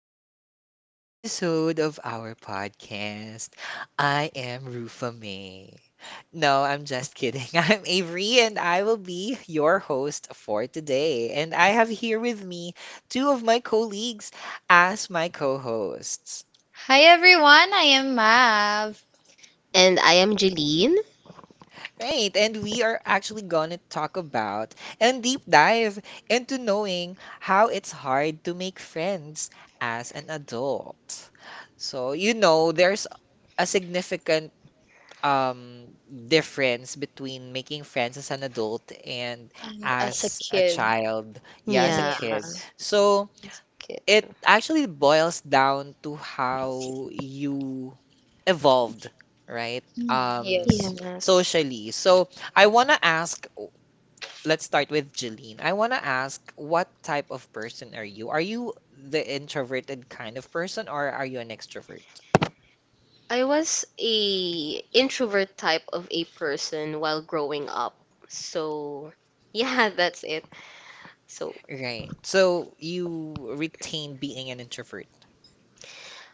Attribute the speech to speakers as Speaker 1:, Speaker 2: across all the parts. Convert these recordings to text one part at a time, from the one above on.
Speaker 1: to today's episode of our podcast. I am Rufa May. No, I'm just kidding. I'm Avery, and I will be your host for today. And I have here with me two of my colleagues as my co hosts.
Speaker 2: Hi everyone, I am Mav.
Speaker 3: And I am Jeline.
Speaker 1: Right, and we are actually gonna talk about and deep dive into knowing how it's hard to make friends as an adult. So, there's a significant um, difference between making friends as an adult and
Speaker 2: And as a
Speaker 1: as a
Speaker 2: kid,
Speaker 1: child, yeah, as a
Speaker 3: Yeah.
Speaker 1: kid.
Speaker 2: yes.
Speaker 1: So,
Speaker 3: Okay.
Speaker 1: it actually boils down to how you evolved, right?
Speaker 2: Mm,
Speaker 1: Um,
Speaker 2: yes.
Speaker 3: Yes.
Speaker 1: socially. So I want to ask, let's start with Jeline. I want to ask, what type of person are you? Are you the introverted kind of person or are you an extrovert?
Speaker 3: I was a introvert type of a person while growing up. So, yeah, that's it. So,
Speaker 1: Right. So you retain being an introvert.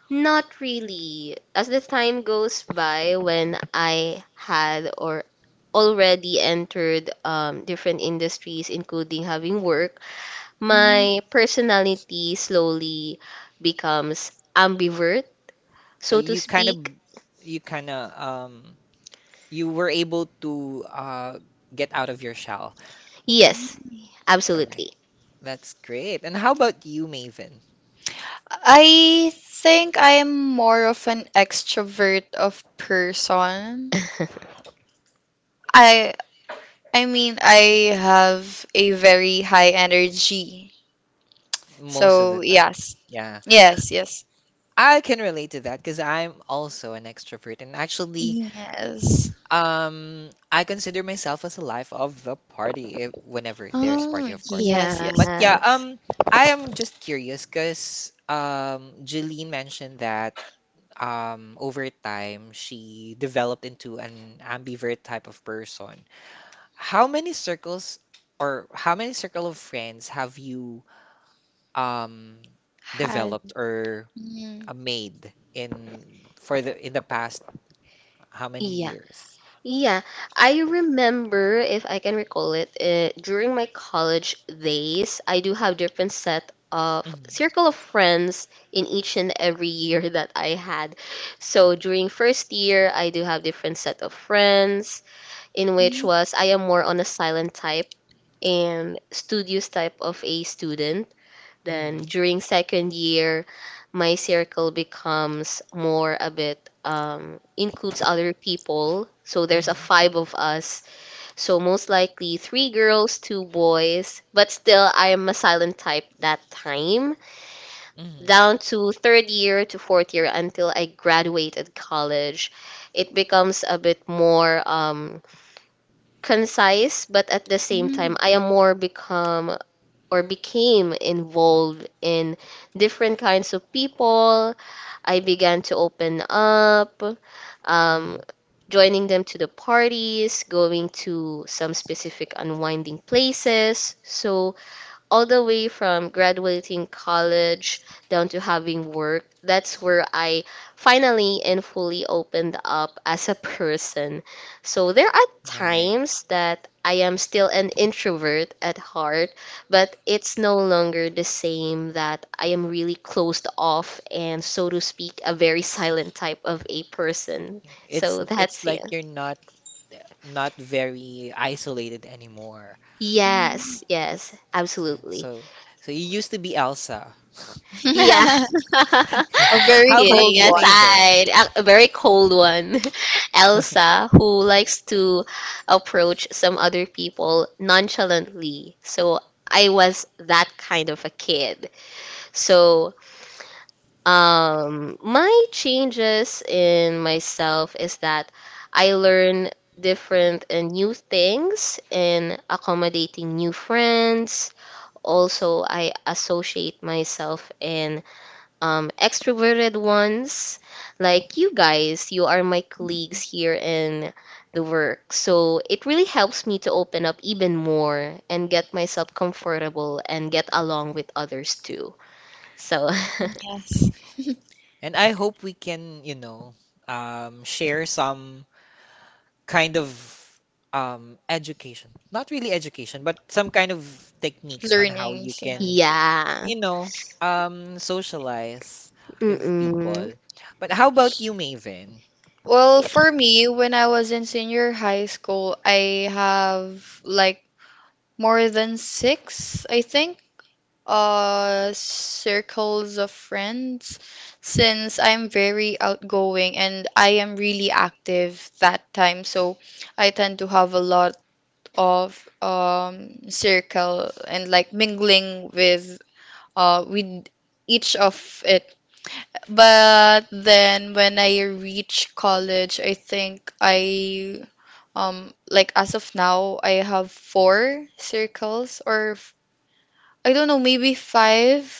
Speaker 3: not really. As the time goes by when I had or already entered different industries including having work,
Speaker 2: Mm,
Speaker 3: my personality slowly becomes ambivert,
Speaker 1: So
Speaker 3: so to speak.
Speaker 1: you kind of, um, you were able to get out of your shell.
Speaker 3: Yes,
Speaker 2: mm.
Speaker 1: All
Speaker 3: absolutely.
Speaker 1: right. That's great. And how about you, Maven?
Speaker 2: I think I am more of an extrovert of person. I I mean I have a very high energy.
Speaker 1: Most of the
Speaker 2: So
Speaker 1: time.
Speaker 2: yes.
Speaker 1: Yeah.
Speaker 2: Yes, yes.
Speaker 1: I can relate to that, because I'm also an extrovert, and actually
Speaker 2: Yes.
Speaker 1: I consider myself as a life of the party, if, whenever there's party,
Speaker 2: Oh,
Speaker 1: of course.
Speaker 2: yes, yes.
Speaker 1: But yeah,
Speaker 3: Yes.
Speaker 1: I am just curious because Jeline mentioned that over time she developed into an ambivert type of person. How many circles or how many circle of friends have you um
Speaker 2: Had.
Speaker 1: developed or
Speaker 2: Mm,
Speaker 1: made in the past how many
Speaker 3: Yeah.
Speaker 1: years?
Speaker 3: Yeah. I remember, if I can recall it, during my college days, I do have different set of
Speaker 1: Mhm.
Speaker 3: circle of friends in each and every year that I had. So during first year, I do have different set of friends in which
Speaker 2: mm,
Speaker 3: was I am more on a silent type and studious type of a student. Then
Speaker 1: Mhm.
Speaker 3: during second year, my circle becomes more a bit includes other people. So there's a
Speaker 1: Mhm.
Speaker 3: five of us. So most likely three girls, two boys. But still, I am a silent type that time.
Speaker 1: Mhm.
Speaker 3: Down to third year to fourth year until I graduated college, it becomes a bit more concise. But at the same
Speaker 2: mm.
Speaker 3: time, I am more become or became involved in different kinds of people. I began to open up, um,
Speaker 1: Mhm.
Speaker 3: joining them to the parties, going to some specific unwinding places. So all the way from graduating college down to having work, that's where I finally and fully opened up as a person. So there are
Speaker 1: Right.
Speaker 3: times that I am still an introvert at heart, but it's no longer the same that I am really closed off and, so to speak, a very silent type of a person.
Speaker 1: It's
Speaker 3: So
Speaker 1: it's
Speaker 3: that's
Speaker 1: like
Speaker 3: it.
Speaker 1: you're not very isolated anymore.
Speaker 3: Yes, yes,
Speaker 1: Yeah.
Speaker 3: absolutely.
Speaker 1: So you used to be Elsa.
Speaker 3: Yeah.
Speaker 2: Mm.
Speaker 1: Yeah.
Speaker 2: A very
Speaker 1: How about
Speaker 2: cold
Speaker 3: Kidding
Speaker 1: you,
Speaker 2: one.
Speaker 1: Maven?
Speaker 3: aside, a very cold one. Elsa, who likes to approach some other people nonchalantly. So I was that kind of a kid. So my changes in myself is that I learn different and new things in accommodating new friends. Also, I associate myself in extroverted ones, like you guys, you are my colleagues here in the work. So it really helps me to open up even more and get myself comfortable and get along with others too. So,
Speaker 2: Yes.
Speaker 1: And I hope we can, share some kind of education, not really education but some kind of techniques on how you
Speaker 2: Learnings,
Speaker 1: can
Speaker 2: yes.
Speaker 3: yeah.
Speaker 1: you know socialize with
Speaker 3: Mm-mm.
Speaker 1: people. But how about you, Maven?
Speaker 2: Well,
Speaker 3: Yeah.
Speaker 2: for me, when I was in senior high school, I have like more than six, I think, circles of friends since I'm very outgoing and I am really active that time. So I tend to have a lot of circle and like mingling with each of it. But then when I reach college, I think I like as of now I have four circles I don't know maybe five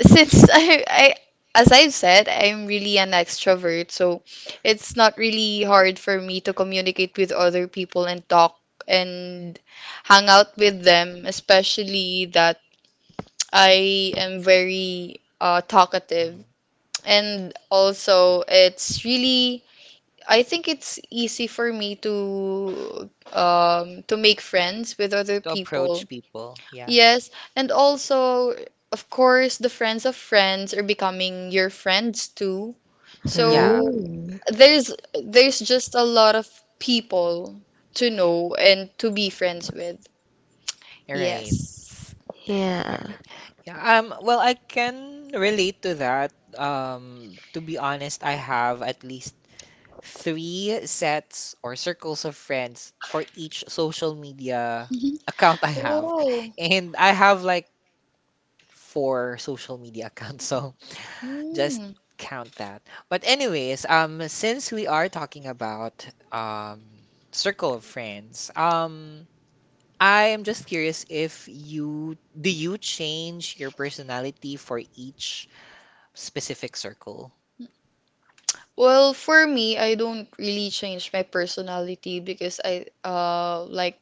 Speaker 2: since I as I've said, I'm really an extrovert, so it's not really hard for me to communicate with other people and talk and hang out with them, especially that I am very talkative.
Speaker 1: Mhm.
Speaker 2: And also, it's really, I think it's easy for me to make friends with other
Speaker 1: To approach
Speaker 2: people.
Speaker 1: people, yeah.
Speaker 2: Yes, and also, of course, the friends of friends are becoming your friends too.
Speaker 1: Yeah.
Speaker 2: So
Speaker 3: Hmm.
Speaker 2: there's just a lot of people to know and to be friends with.
Speaker 1: All right.
Speaker 2: Yes.
Speaker 1: All
Speaker 3: Yeah.
Speaker 1: right. Yeah, well, I can relate to that. To be honest, I have at least three sets or circles of friends for each social media account I have.
Speaker 2: Whoa.
Speaker 1: And I have like four social media accounts, so just
Speaker 2: Hmm.
Speaker 1: count that. But anyways, since we are talking about circle of friends, I am just curious, if you do you change your personality for each specific circle?
Speaker 2: Well, for me, I don't really change my personality because I like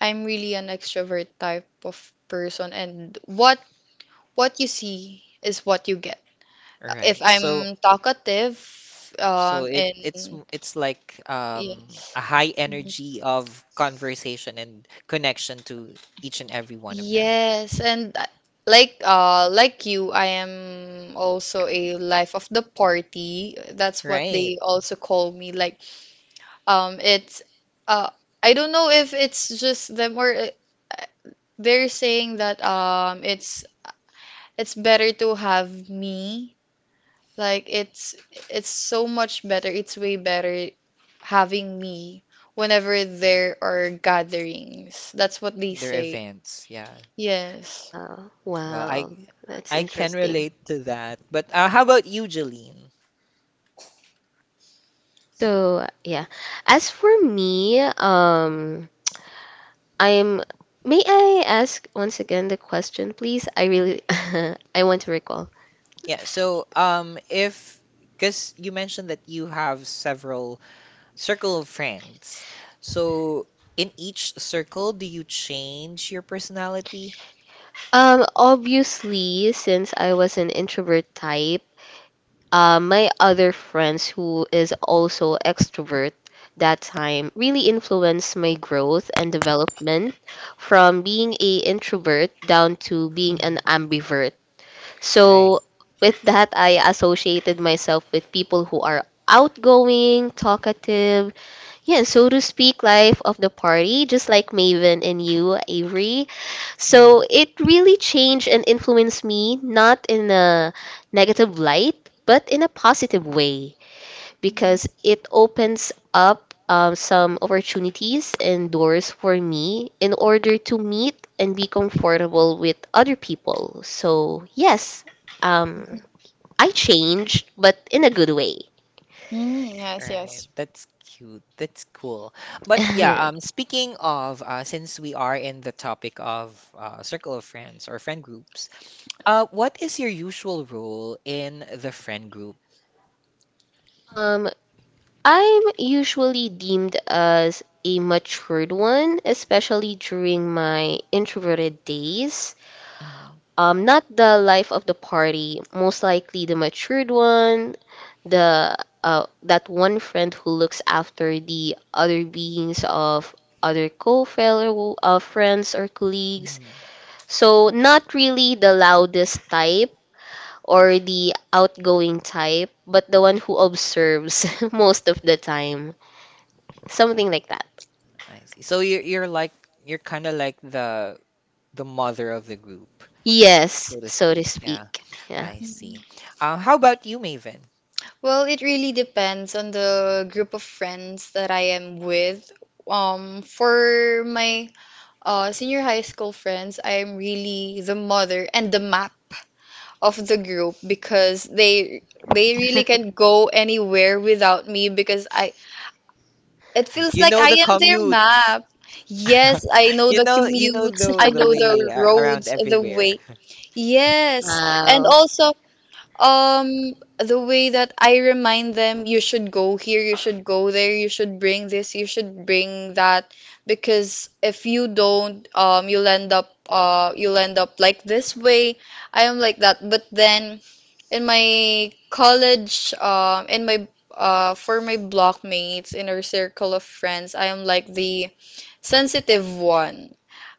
Speaker 2: I'm really an extrovert type of person, and what you see is what you get.
Speaker 1: All
Speaker 2: If
Speaker 1: right.
Speaker 2: I'm
Speaker 1: So
Speaker 2: talkative,
Speaker 1: It it's
Speaker 2: in,
Speaker 1: m- it's like
Speaker 2: yes,
Speaker 1: a high
Speaker 2: mhm,
Speaker 1: energy of conversation and connection to each and every one of them,
Speaker 2: yes, and like you, I am also a life of the party. That's what
Speaker 1: right?
Speaker 2: they also call me. Like, it's, uh, I don't know if it's just them or, they're saying that, it's better to have me. Like it's so much better. It's way better having me whenever there are gatherings. That's what they
Speaker 1: Their
Speaker 2: say.
Speaker 1: events, yeah.
Speaker 2: Yes.
Speaker 3: Wow.
Speaker 1: Well, I
Speaker 3: Wow. That's
Speaker 1: I can
Speaker 3: interesting.
Speaker 1: relate to that. But how about you, Jeline?
Speaker 3: So, yeah. As for me, I'm. May I ask once again the question, please? I really, I want to recall.
Speaker 1: Yeah. So if because you mentioned that you have several circle of friends. So, in each circle, do you change your personality?
Speaker 3: Obviously, since I was an introvert type, my other friends who is also extrovert that time really influenced my growth and development from being a introvert down to being an
Speaker 1: Mhm.
Speaker 3: ambivert.
Speaker 1: Right.
Speaker 3: So with that, I associated myself with people who are outgoing, talkative, yeah, so to speak, life of the party, just like Maven and you, Avery. So
Speaker 1: Mhm.
Speaker 3: it really changed and influenced me, not in a negative light, but in a positive way, because it opens up some opportunities and doors for me in order to meet and be comfortable with other people. So, yes,
Speaker 2: Mm.
Speaker 3: um, I changed, but in a good way.
Speaker 2: Mm, yes,
Speaker 1: Right.
Speaker 2: yes.
Speaker 1: That's cute. That's cool. But yeah, speaking of, since we are in the topic of circle of friends or friend groups, what is your usual role in the friend group?
Speaker 3: Um, I'm usually deemed as a matured one, especially during my introverted days.
Speaker 1: Mhm.
Speaker 3: Not the life of the party, most likely the matured one, the that one friend who looks after the other beings of other co-fellow friends or colleagues.
Speaker 1: Mhm.
Speaker 3: So not really the loudest type or the outgoing type, but the one who observes most of the time. Something like that.
Speaker 1: I see. So you're kind of like the mother of the group,
Speaker 3: Yes,
Speaker 1: so to
Speaker 3: so to
Speaker 1: speak. Yeah.
Speaker 3: speak. Yeah.
Speaker 1: I
Speaker 2: Mm.
Speaker 1: see. How about you, Maven?
Speaker 2: Well, it really depends on the group of friends that I am with. For my senior high school friends, I am really the mother and the map of the group, because they really can not go anywhere without me, because I it feels
Speaker 1: You
Speaker 2: like
Speaker 1: know
Speaker 2: I
Speaker 1: the
Speaker 2: am their
Speaker 1: commutes.
Speaker 2: map. Yes, I know
Speaker 1: You
Speaker 2: the
Speaker 1: know you know
Speaker 2: commutes,
Speaker 1: the
Speaker 2: I
Speaker 1: the
Speaker 2: know
Speaker 1: way,
Speaker 2: the
Speaker 1: around
Speaker 2: roads, the
Speaker 1: everywhere.
Speaker 2: way. Yes. And
Speaker 3: Wow.
Speaker 2: also the way that I remind them you should go here, you should go there, you should bring this, you should bring that, because if you don't, you'll end up like this way. I am like that. But then in my college, in my, for my blockmates in our circle of friends, I am like the sensitive one,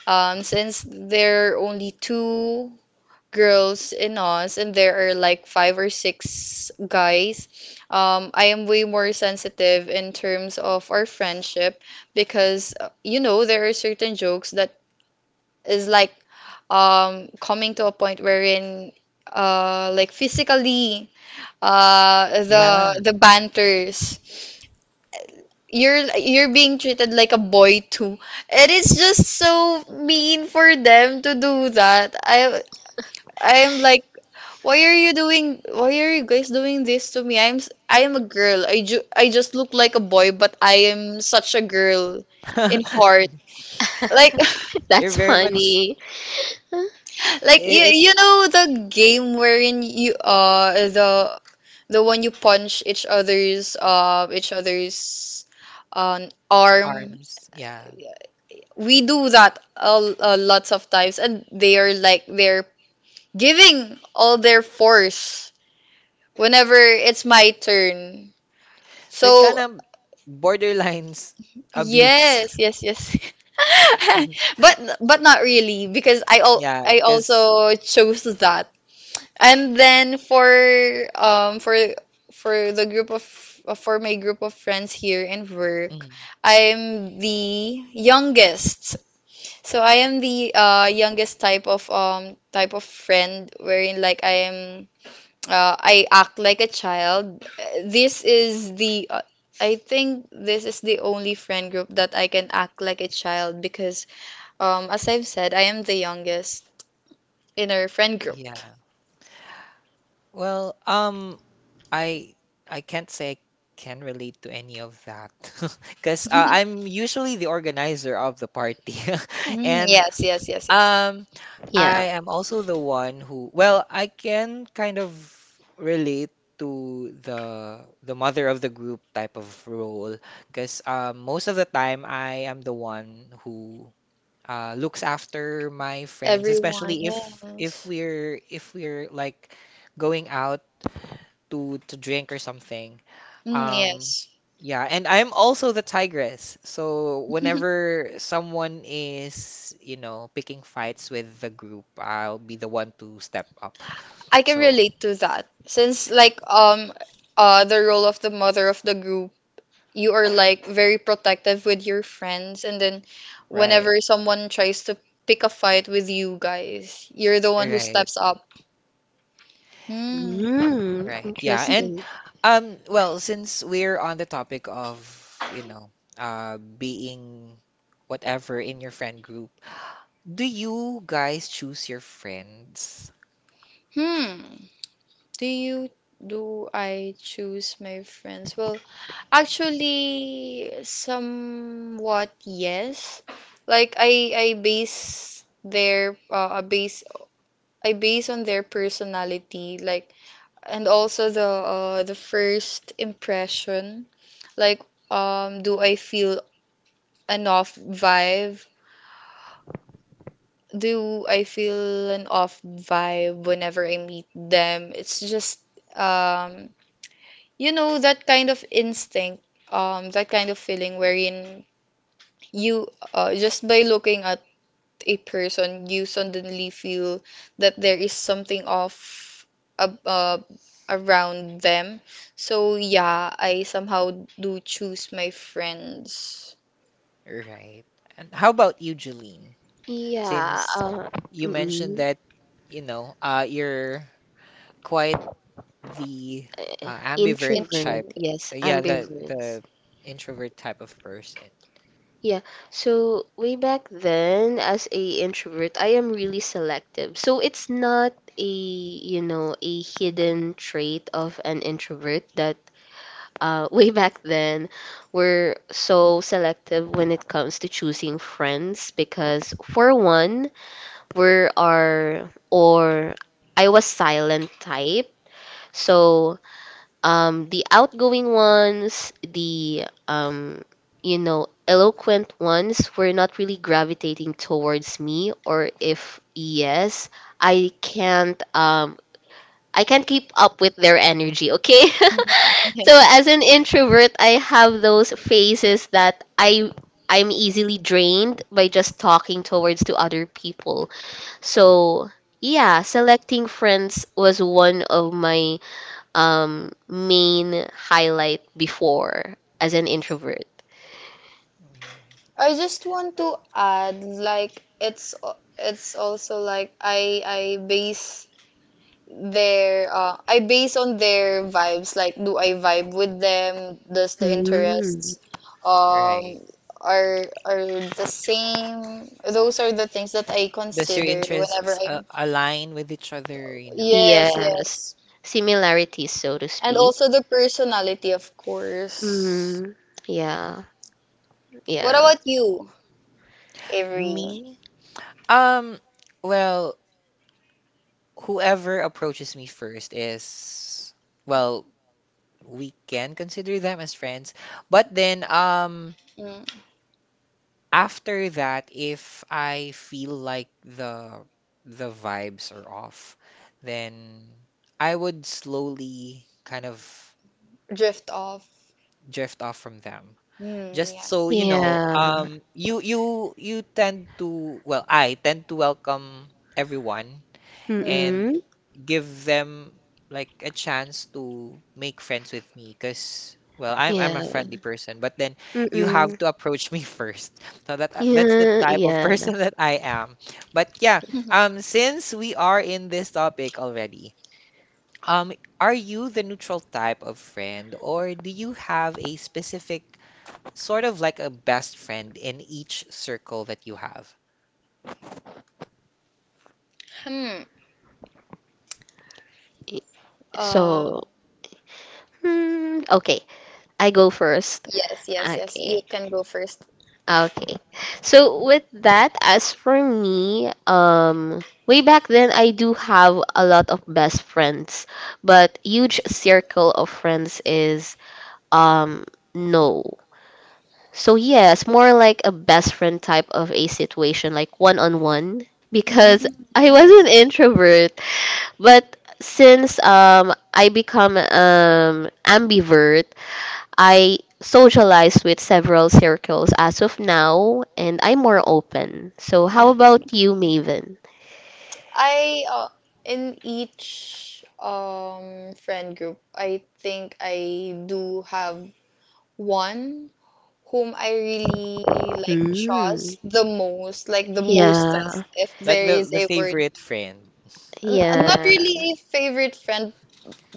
Speaker 2: since there are only two girls in us and there are like five or six guys. I am way more sensitive in terms of our friendship, because, you know, there are certain jokes that is like, coming to a point wherein, like physically,
Speaker 1: Yeah.
Speaker 2: the banters, you're being treated like a boy too. It is just so mean for them to do that. I'm like, why are you guys doing this to me? I am a girl. I just look like a boy, but I am such a girl in heart, like.
Speaker 1: You're
Speaker 3: That's
Speaker 1: very much
Speaker 3: funny.
Speaker 2: Like you,
Speaker 1: it
Speaker 2: you know the game wherein you, the one you punch each other's arm.
Speaker 1: harms. Yeah.
Speaker 2: We do that a lots of times, and they are like, they're giving all their force whenever it's my turn.
Speaker 1: So it
Speaker 2: So
Speaker 1: kind of borderlines abuse.
Speaker 2: yes, yes, yes. But not really, because
Speaker 1: Yeah,
Speaker 2: I
Speaker 1: because.
Speaker 2: also chose that. And then um for for the group of for my group of friends here in work, I'm the youngest. So I am the youngest type of friend wherein like I am, I act like a child. This is the I think this is the only friend group that I can act like a child, because as I've said, I am the youngest in our friend group.
Speaker 1: Yeah. Well, I I can't say I can relate to any of that, because I'm usually the organizer of the party,
Speaker 2: Mm,
Speaker 1: and
Speaker 2: yes, yes, yes, yes.
Speaker 1: Um,
Speaker 3: Yeah.
Speaker 1: I am also the one who, well, I can kind of relate to the mother of the group type of role, because most of the time I am the one who looks after my friends,
Speaker 2: Everyone,
Speaker 1: especially
Speaker 2: yes.
Speaker 1: if we're like going out to drink or something.
Speaker 2: Mm,
Speaker 1: Um,
Speaker 2: yes.
Speaker 1: yeah, and I'm also the tigress. So whenever someone is picking fights with the group, I'll be the one to step up.
Speaker 2: I can
Speaker 1: So,
Speaker 2: relate to that. Since like, the role of the mother of the group, you are like very protective with your friends, and then whenever
Speaker 1: right,
Speaker 2: someone tries to pick a fight with you guys, you're the one who
Speaker 1: right,
Speaker 2: steps up. Hmm.
Speaker 3: Mm,
Speaker 1: right. Yeah, and
Speaker 3: interesting.
Speaker 1: well, since we're on the topic of being whatever in your friend group, do you guys choose your friends?
Speaker 2: Hmm. Do you do I choose my friends? Well, actually, somewhat yes. Like I base their I base on their personality, like, and also the first impression. Like, do I feel an off vibe? Do I feel an off vibe whenever I meet them? It's just um. You know that kind of instinct, that kind of feeling wherein you just by looking at a person you suddenly feel that there is something off, ab around them. So yeah, I somehow do choose my friends.
Speaker 1: Right. And how about you, Jeline?
Speaker 3: Yeah.
Speaker 1: Since you mentioned
Speaker 3: Mm-mm.
Speaker 1: that, you're quite the
Speaker 3: Uh,
Speaker 1: ambivert
Speaker 3: introvert.
Speaker 1: type.
Speaker 3: Yes,
Speaker 1: Yeah
Speaker 3: ambivert.
Speaker 1: the introvert type of person.
Speaker 3: Yeah. So way back then, as a introvert, I am really selective. So it's not a, you know, a hidden trait of an introvert that way back then, we're so selective when it comes to choosing friends because, for one, we are our or I was silent type. So, the outgoing ones, the you know, eloquent ones were not really gravitating towards me, or if yes, I can't um I can't keep up with their energy, okay?
Speaker 2: Mm, yeah.
Speaker 3: So as an introvert, I have those phases that I'm easily drained by just talking towards to other people. So yeah, selecting friends was one of my main highlight before as an introvert.
Speaker 2: I just want to add, like, it's also like I base on their vibes. Like, do I vibe with them? Does the
Speaker 3: Mm.
Speaker 2: interests, um
Speaker 1: Right.
Speaker 2: are the same? Those are the things that I
Speaker 1: Does your
Speaker 2: consider
Speaker 1: interests
Speaker 2: whenever I'm.
Speaker 1: align with each other, you know?
Speaker 2: Yes,
Speaker 3: Yes.
Speaker 2: yes,
Speaker 3: Similarities, so to
Speaker 2: and
Speaker 3: speak.
Speaker 2: also the personality, of course.
Speaker 3: Mm. Yeah.
Speaker 2: What
Speaker 1: Right.
Speaker 3: Yeah.
Speaker 2: about you, Avery?
Speaker 1: Me? Um, well, whoever approaches me first is, well, we can consider them as friends. But then,
Speaker 2: Mm.
Speaker 1: after that, if I feel like the vibes are off, then I would slowly kind of
Speaker 2: Drift off.
Speaker 1: drift off from them.
Speaker 2: Mm,
Speaker 1: Just so
Speaker 2: yes.
Speaker 1: you know,
Speaker 3: Yeah.
Speaker 1: you you you tend to well, I tend to welcome everyone,
Speaker 2: Mm.
Speaker 1: and
Speaker 3: Mm-mm.
Speaker 1: give them like a chance to make friends with me, because well, I'm a
Speaker 3: Yeah.
Speaker 1: friendly person, but then you have
Speaker 3: Mm-mm.
Speaker 1: to approach me first, so that that's the
Speaker 3: Yeah.
Speaker 1: type of
Speaker 3: Yeah.
Speaker 1: person that I am. But yeah, since we are in this topic already, um are you the neutral type of friend, or do you have a specific sort of like a best friend in each circle that you have,
Speaker 2: Hmm.
Speaker 3: Y-
Speaker 2: Uh,
Speaker 3: So, hmm, okay. I go first.
Speaker 2: yes, yes, yes. You
Speaker 3: Okay.
Speaker 2: can go first.
Speaker 3: Okay. So with that, as for me, way back then I do have a lot of best friends, but huge circle of friends is um no. So yes, more like a best friend type of a situation, like one on one, because
Speaker 2: Mm,
Speaker 3: I was an
Speaker 2: yes.
Speaker 3: introvert, but since I become ambivert, I socialize with several circles as of now, and I'm more open. So how
Speaker 2: Mm.
Speaker 3: about you, Maven?
Speaker 2: I In each friend group, I think I do have one whom I really like
Speaker 3: Mm.
Speaker 2: trust the most, like the mostest,
Speaker 3: Yeah,
Speaker 2: if
Speaker 1: like
Speaker 2: there is
Speaker 1: the
Speaker 2: a word.
Speaker 1: favorite friend
Speaker 2: Not
Speaker 3: yeah.
Speaker 2: really a favorite friend,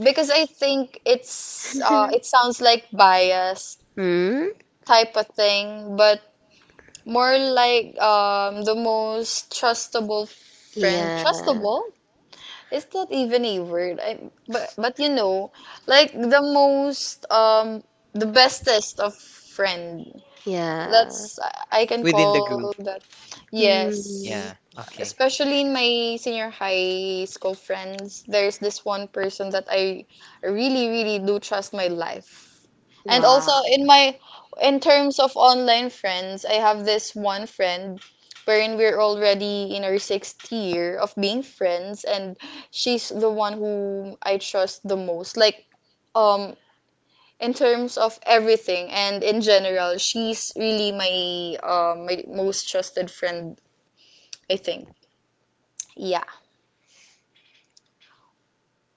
Speaker 2: because I think it sounds like bias
Speaker 3: Hmm.
Speaker 2: type of thing, but more like the most trustable friend.
Speaker 3: Yeah,
Speaker 2: Trustable? Is that even a word? I, but like the most, the bestest of friend.
Speaker 3: yeah.
Speaker 2: That's, I can
Speaker 1: within the group?
Speaker 2: call that,
Speaker 3: Mm,
Speaker 2: yes.
Speaker 1: Yeah. Okay.
Speaker 2: Especially in my senior high school friends, there's this one person that I really, really do trust my life. And
Speaker 3: wow.
Speaker 2: also in in terms of online friends, I have this one friend wherein we're already in our sixth year of being friends, and she's the one whom I trust the most. Like, um, in terms of everything and in general, she's really my most trusted friend, I think. Yeah.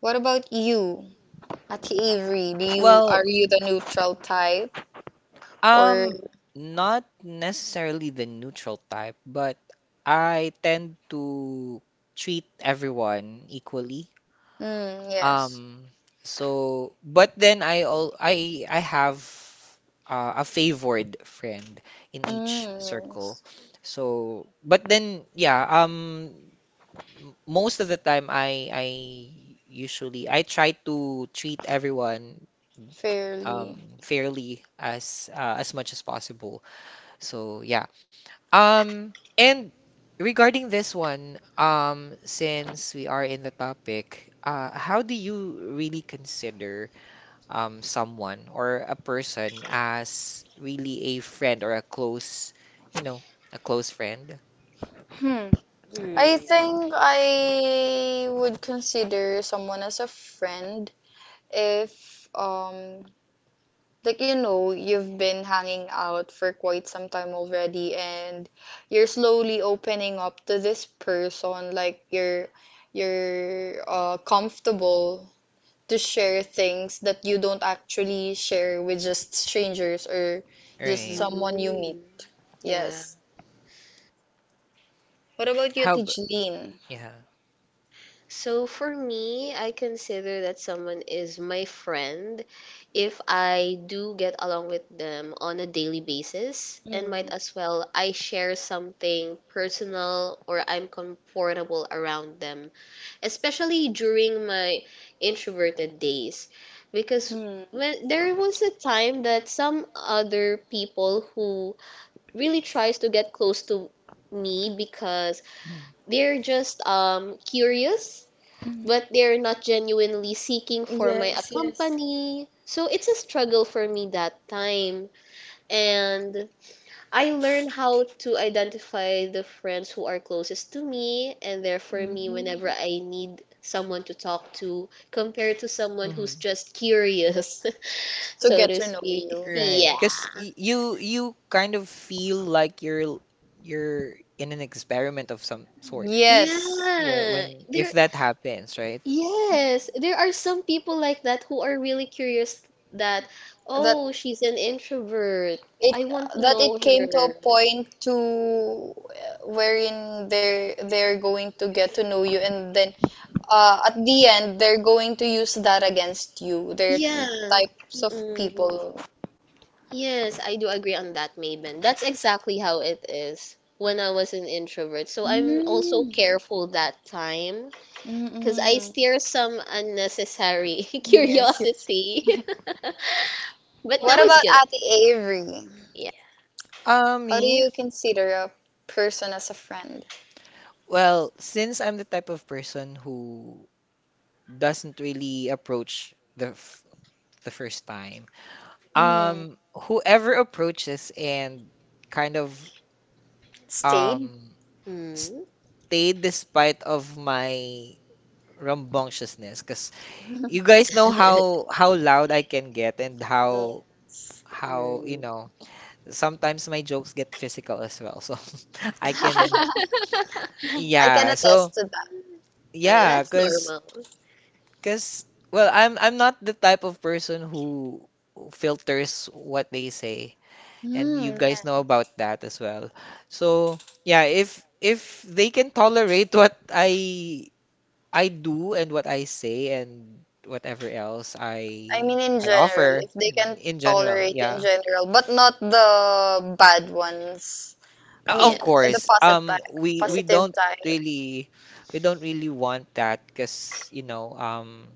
Speaker 2: What about you, Ate Avery? Do you Are
Speaker 1: Well,
Speaker 2: you the neutral type or
Speaker 1: Um, not necessarily the neutral type, but I tend to treat everyone equally.
Speaker 2: mm, yes.
Speaker 1: Um, so, but then I all I have, a favored friend in each
Speaker 2: Mm,
Speaker 1: circle.
Speaker 2: yes.
Speaker 1: So, but then yeah, most of the time I usually I try to treat everyone
Speaker 2: Fairly.
Speaker 1: fairly, as much as possible. So yeah. And regarding this one, since we are in the topic, how do you really consider someone or a person as really a friend or you know, a close friend?
Speaker 2: Hmm. I think I would consider someone as a friend if like you've been hanging out for quite some time already, and you're slowly opening up to this person like you're comfortable to share things that you don't actually share with just strangers or just
Speaker 1: Right.
Speaker 2: someone you meet.
Speaker 3: Mm, yeah.
Speaker 2: Yes. What about you,
Speaker 1: How ab-
Speaker 2: Tijeline?
Speaker 1: yeah.
Speaker 3: So for me, I consider that someone is my friend if I do get along with them on a daily basis and might as well I share something personal or I'm comfortable around them, especially during my introverted days because
Speaker 2: Mm.
Speaker 3: when there was a time that some other people who really tries to get close to me because they're just curious
Speaker 2: Mm.
Speaker 3: but they're not genuinely seeking for my
Speaker 2: Yes, yes.
Speaker 3: company. So it's a struggle for me that time. And I learned how to identify the friends who are closest to me and they're for
Speaker 2: Mm.
Speaker 3: me whenever I need someone to talk to compared to someone who's
Speaker 1: Mm-hmm.
Speaker 3: just curious,
Speaker 2: To
Speaker 3: so okay,
Speaker 2: get
Speaker 3: to
Speaker 2: to know
Speaker 3: speak.
Speaker 2: you.
Speaker 3: Yeah.
Speaker 1: Right.
Speaker 2: Yeah.
Speaker 1: Because you kind of feel like you're in an experiment of some sorts
Speaker 3: Yeah,
Speaker 2: Yes.
Speaker 1: when
Speaker 3: there
Speaker 1: if that happens, right?
Speaker 3: Yes, there are some people like that who are really curious that,
Speaker 2: That
Speaker 3: oh, she's an introvert.
Speaker 2: it
Speaker 3: I want to
Speaker 2: that
Speaker 3: know
Speaker 2: it came to a
Speaker 3: her.
Speaker 2: point to, wherein they're going to get to know you, and then, at the end they're going to use that against you. They're
Speaker 3: Yeah.
Speaker 2: types of
Speaker 3: Mm-mm.
Speaker 2: people.
Speaker 3: Yes, I do agree on that, Maven. That's exactly how it is when I was an introvert. So I'm also
Speaker 2: Mm.
Speaker 3: careful that time because I
Speaker 2: Mm-mm.
Speaker 3: steer some unnecessary
Speaker 2: Yes, yes.
Speaker 3: curiosity. But now
Speaker 2: What
Speaker 3: it's
Speaker 2: about
Speaker 3: good.
Speaker 2: Ate Avery?
Speaker 3: Yeah.
Speaker 1: Uh,
Speaker 2: How do
Speaker 1: me?
Speaker 2: you consider a person as a friend?
Speaker 1: Well, since I'm the type of person who doesn't really approach the first time,
Speaker 2: Mm.
Speaker 1: whoever approaches and kind of
Speaker 2: Stayed?
Speaker 1: um
Speaker 3: Mm.
Speaker 1: stayed despite of my rambunctiousness, because you guys know how how loud I can get and
Speaker 2: Yes.
Speaker 1: how you
Speaker 3: Mm.
Speaker 1: know sometimes my jokes get physical as well. So, I can,
Speaker 2: I can
Speaker 1: yeah. So
Speaker 2: attest to that.
Speaker 1: yeah,
Speaker 3: That's
Speaker 1: because.
Speaker 3: normal.
Speaker 1: Cause well, I'm not the type of person who filters what they say, and you
Speaker 2: Mm,
Speaker 1: guys
Speaker 2: yes.
Speaker 1: know about that as well. So yeah, if they can tolerate what I do and what I say and whatever else
Speaker 2: I mean,
Speaker 1: I
Speaker 2: in
Speaker 1: I
Speaker 2: general,
Speaker 1: offer
Speaker 2: if they
Speaker 1: in,
Speaker 2: can
Speaker 1: in general,
Speaker 2: tolerate you in
Speaker 1: yeah.
Speaker 2: general, but not the bad ones. I mean,
Speaker 1: Of
Speaker 2: the
Speaker 3: Yes.
Speaker 1: course,
Speaker 2: positive,
Speaker 3: Of
Speaker 2: positive
Speaker 3: course.
Speaker 2: type,
Speaker 1: really we don't really want that, cause you know.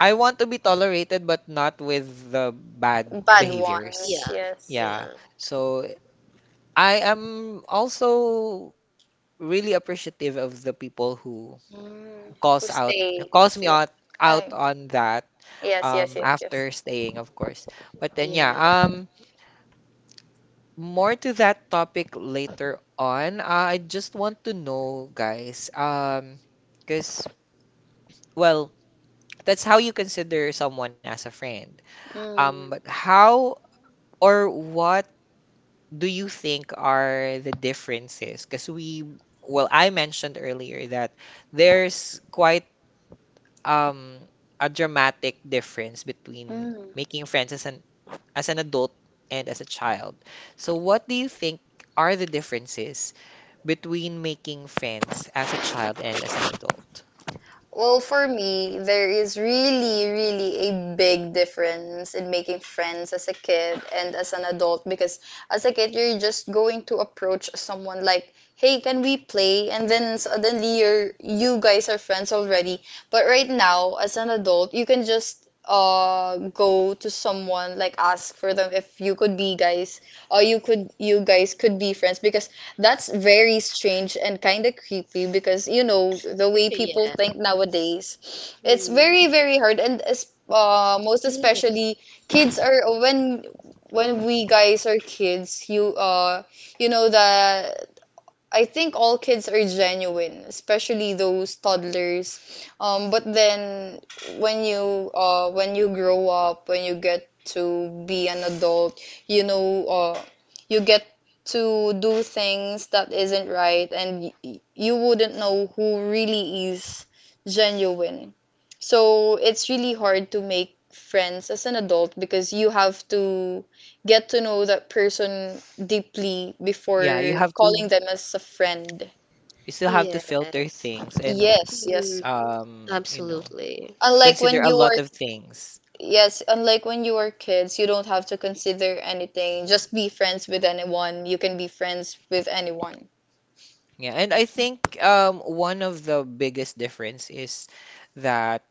Speaker 1: I want to be tolerated, but not with the bad
Speaker 2: bad ones,
Speaker 1: behaviors.
Speaker 3: Yeah.
Speaker 2: yes.
Speaker 1: Yeah.
Speaker 3: Yeah.
Speaker 1: So I am also really appreciative of the people who,
Speaker 2: Mm,
Speaker 1: who
Speaker 2: who
Speaker 1: calls
Speaker 2: stays,
Speaker 1: me
Speaker 2: yeah.
Speaker 1: out
Speaker 2: Hi.
Speaker 1: on that,
Speaker 2: Yes, yes, yes, yes.
Speaker 1: after staying, of course. But then
Speaker 3: Yeah.
Speaker 1: yeah,
Speaker 2: Yeah, yeah.
Speaker 1: more to that topic later on. I just want to know, guys, because, well, that's how you consider someone as a friend. Um,
Speaker 2: Mm,
Speaker 1: but how or what do you think are the differences? Because well, I mentioned earlier that there's quite um, a dramatic difference between
Speaker 2: mm.
Speaker 1: making friends as an adult and as a child. So what do you think are the differences between making friends as a child and as an adult?
Speaker 2: Well, for me, there is really, really a big difference in making friends as a kid and as an adult, because as a kid, you're just going to approach someone like, hey, can we play? And then suddenly you guys are friends already. But right now, as an adult, you can just go to someone like ask for them if you could be guys, or you guys could be friends, because that's very strange and kind of creepy, because, the way people
Speaker 3: yeah.
Speaker 2: think nowadays, it's
Speaker 3: Mm.
Speaker 2: very, very hard. And most
Speaker 3: Ye-
Speaker 2: especially, kids are when we guys are kids, you, you know the I think all kids are genuine, especially those toddlers. But then when you grow up, when you get to be an adult, you know, uh, you get to do things that isn't right, and you wouldn't know who really is genuine. So it's really hard to make friends as an adult because you have to get to know that person deeply
Speaker 1: Yeah,
Speaker 2: before calling them as a friend.
Speaker 1: you still have to filter
Speaker 3: Yes.
Speaker 1: things and
Speaker 2: Yes, yes.
Speaker 3: Mm.
Speaker 1: um, you know,
Speaker 3: Absolutely.
Speaker 2: Unlike
Speaker 1: consider
Speaker 2: when
Speaker 1: a
Speaker 2: you
Speaker 1: lot
Speaker 2: were,
Speaker 1: of things.
Speaker 2: yes, unlike when you were kids, you don't have to consider anything. Just be friends with anyone. You can be friends with anyone.
Speaker 1: Yeah, and I think one of the biggest difference is that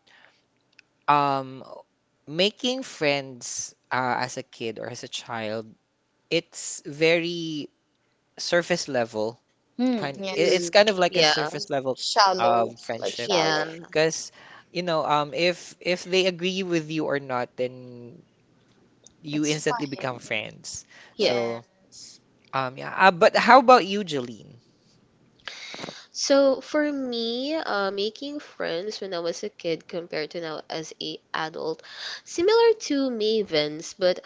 Speaker 1: um making friends, as a kid or as a child, it's very surface level,
Speaker 2: Hmm,
Speaker 1: it's
Speaker 3: Mm.
Speaker 2: yes.
Speaker 1: kind of like a
Speaker 3: Yeah.
Speaker 1: surface level of
Speaker 2: Shallow, like
Speaker 1: friendship,
Speaker 3: Yeah.
Speaker 2: shallow.
Speaker 1: because if they agree with you or not, then you
Speaker 2: It's
Speaker 1: instantly
Speaker 2: fine.
Speaker 1: become friends.
Speaker 3: Yeah.
Speaker 1: So
Speaker 2: Yes.
Speaker 1: yeah, but how about you, Jeline?
Speaker 3: So for me, making friends when I was a kid compared to now as a adult, similar to Mavens, but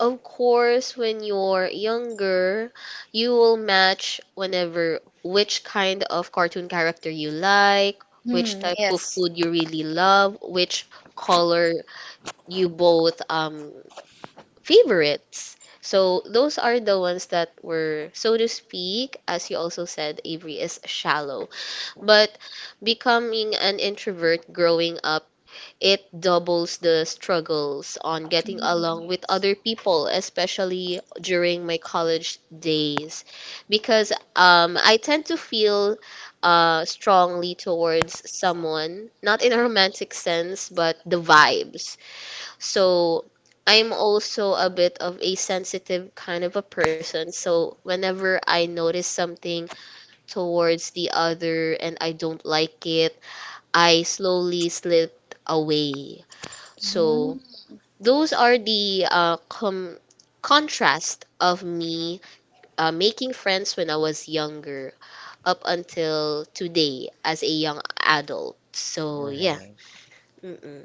Speaker 3: of course when you're younger, you will match whenever which kind of cartoon character you like, which
Speaker 2: Hmm,
Speaker 3: type of
Speaker 2: yes.
Speaker 3: food you really love, which color you both favorites. So those are the ones that were, so to speak, as you also said, Avery is shallow. But becoming an introvert growing up, it doubles the struggles on getting along with other people, especially during my college days, because I tend to feel strongly towards someone, not in a romantic sense, but the vibes. So I'm also a bit of a sensitive kind of a person. So whenever I notice something, towards the other and I don't like it, I slowly slipped away. So
Speaker 2: Hmm.
Speaker 3: those are the contrast of me making friends when I was younger up until today as a young adult. So yeah.
Speaker 1: Right.
Speaker 3: Mm-mm.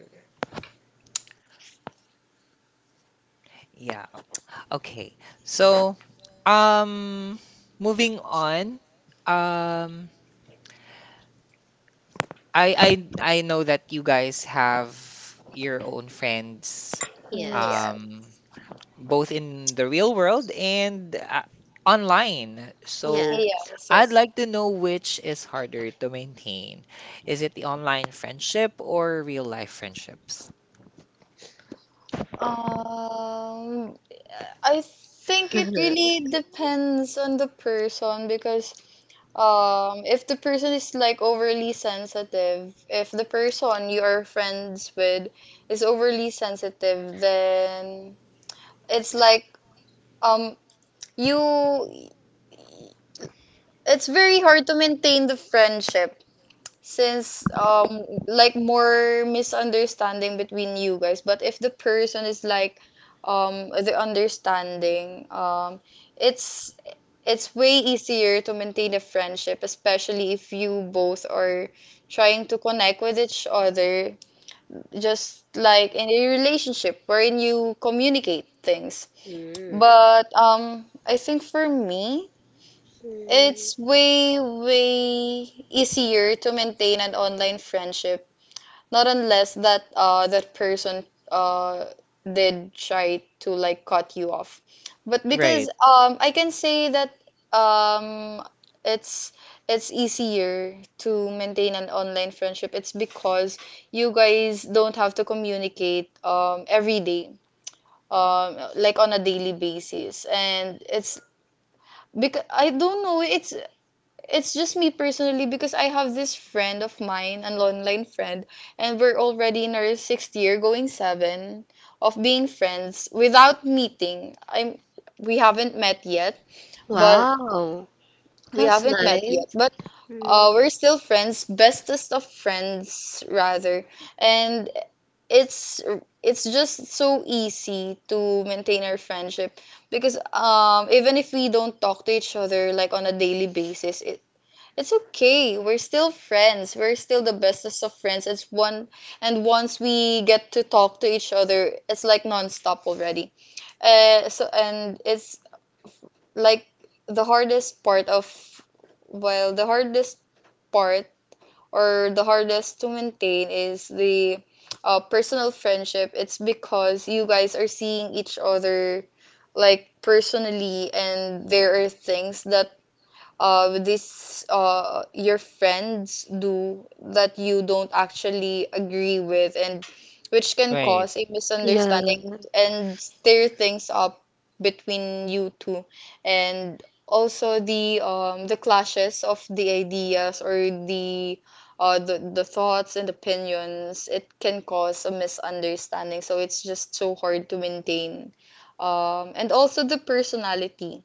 Speaker 1: Yeah. Okay. So, um moving on, um I I I know that you guys have your own friends,
Speaker 2: Mm.
Speaker 3: Yes.
Speaker 2: Yes,
Speaker 1: um both in the real world and online.
Speaker 3: Yeah.
Speaker 1: So,
Speaker 2: yes,
Speaker 1: I'd
Speaker 2: yes.
Speaker 1: like to know which is harder to maintain. Is it the online friendship or real life friendships?
Speaker 2: Um, I think it really depends on the person because if the person is like overly sensitive, if the person you are friends with is overly sensitive, then it's like um you it's very hard to maintain the friendship since like more misunderstanding between you guys, but if the person is like the understanding, it's it's way easier to maintain a friendship, especially if you both are trying to connect with each other, just like in a relationship wherein you communicate things.
Speaker 3: Mm.
Speaker 2: But I think for me,
Speaker 3: Mm.
Speaker 2: it's way, way easier to maintain an online friendship, not unless that that person uh did try to like cut you off. But because
Speaker 1: Right.
Speaker 2: I can say that um it's it's easier to maintain an online friendship. It's because you guys don't have to communicate every day, like on a daily basis, and it's because I don't know, it's just me personally, because I have this friend of mine, an online friend, and we're already in our sixth year, going seven, of being friends without meeting. I'm We haven't met yet, but
Speaker 3: Wow.
Speaker 2: we
Speaker 3: That's
Speaker 2: haven't met yet,
Speaker 3: nice.
Speaker 2: but
Speaker 3: Mm.
Speaker 2: we're still friends, bestest of friends, rather. And it's it's just so easy to maintain our friendship because even if we don't talk to each other like on a daily basis, it's okay. We're still friends. We're still the bestest of friends. It's one, and once we get to talk to each other, it's like nonstop already. So and it's like the hardest part of, well, the hardest part, or the hardest to maintain is the personal friendship. It's because you guys are seeing each other like personally, and there are things that with these your friends do that you don't actually agree with, and which can
Speaker 3: Mm.
Speaker 1: Right.
Speaker 2: cause a
Speaker 3: Yeah,
Speaker 2: misunderstanding and stir things up between you two, and also the clashes of the ideas, or the the thoughts and opinions, it can cause a misunderstanding. So it's just so hard to maintain. And also the personality.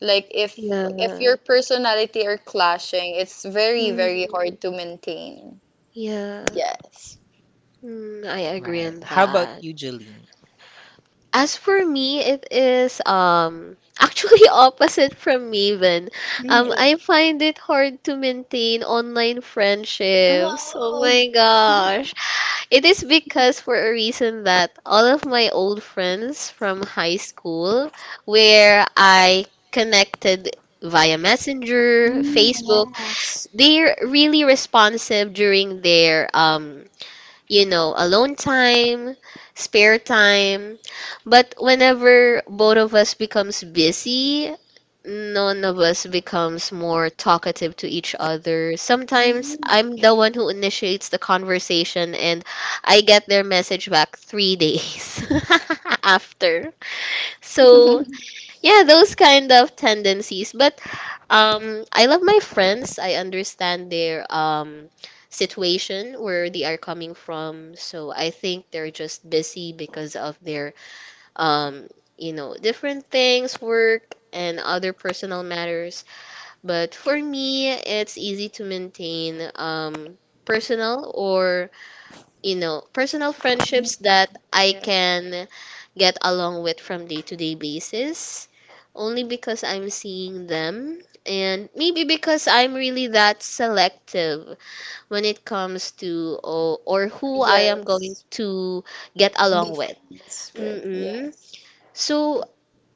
Speaker 2: Like
Speaker 3: yeah.
Speaker 2: if your
Speaker 3: Mm.
Speaker 2: personality are clashing, it's very, very hard to maintain.
Speaker 3: Yeah.
Speaker 2: Yes.
Speaker 3: Mm, I agree
Speaker 1: Right.
Speaker 3: on
Speaker 1: How about
Speaker 3: that.
Speaker 1: you, Jolene?
Speaker 3: As for me, it is actually opposite from Maven.
Speaker 2: Mm.
Speaker 3: I find it hard to maintain online friendships. Oh
Speaker 2: Oh.
Speaker 3: my gosh. It is because for a reason that all of my old friends from high school, where I connected via Messenger, Facebook, they're really responsive during their you know, alone time, spare time. But whenever both of us becomes busy, none of us becomes more talkative to each other. Sometimes I'm the one who initiates the conversation and I get their message back 3 days after. So yeah, those kind of tendencies, but I love my friends. I understand their situation where they are coming from, so I think they're just busy because of their um you know, different things, work and other personal matters. But for me, it's easy to maintain personal or you know, personal friendships that I
Speaker 2: Yes.
Speaker 3: can get along with from day to day basis only because I'm seeing them and maybe because I'm really that selective when it comes to or who I am going
Speaker 2: Yes.
Speaker 3: to get
Speaker 2: Be
Speaker 3: along with.
Speaker 2: friends with.
Speaker 3: Mm-mm.
Speaker 2: Yes.
Speaker 3: So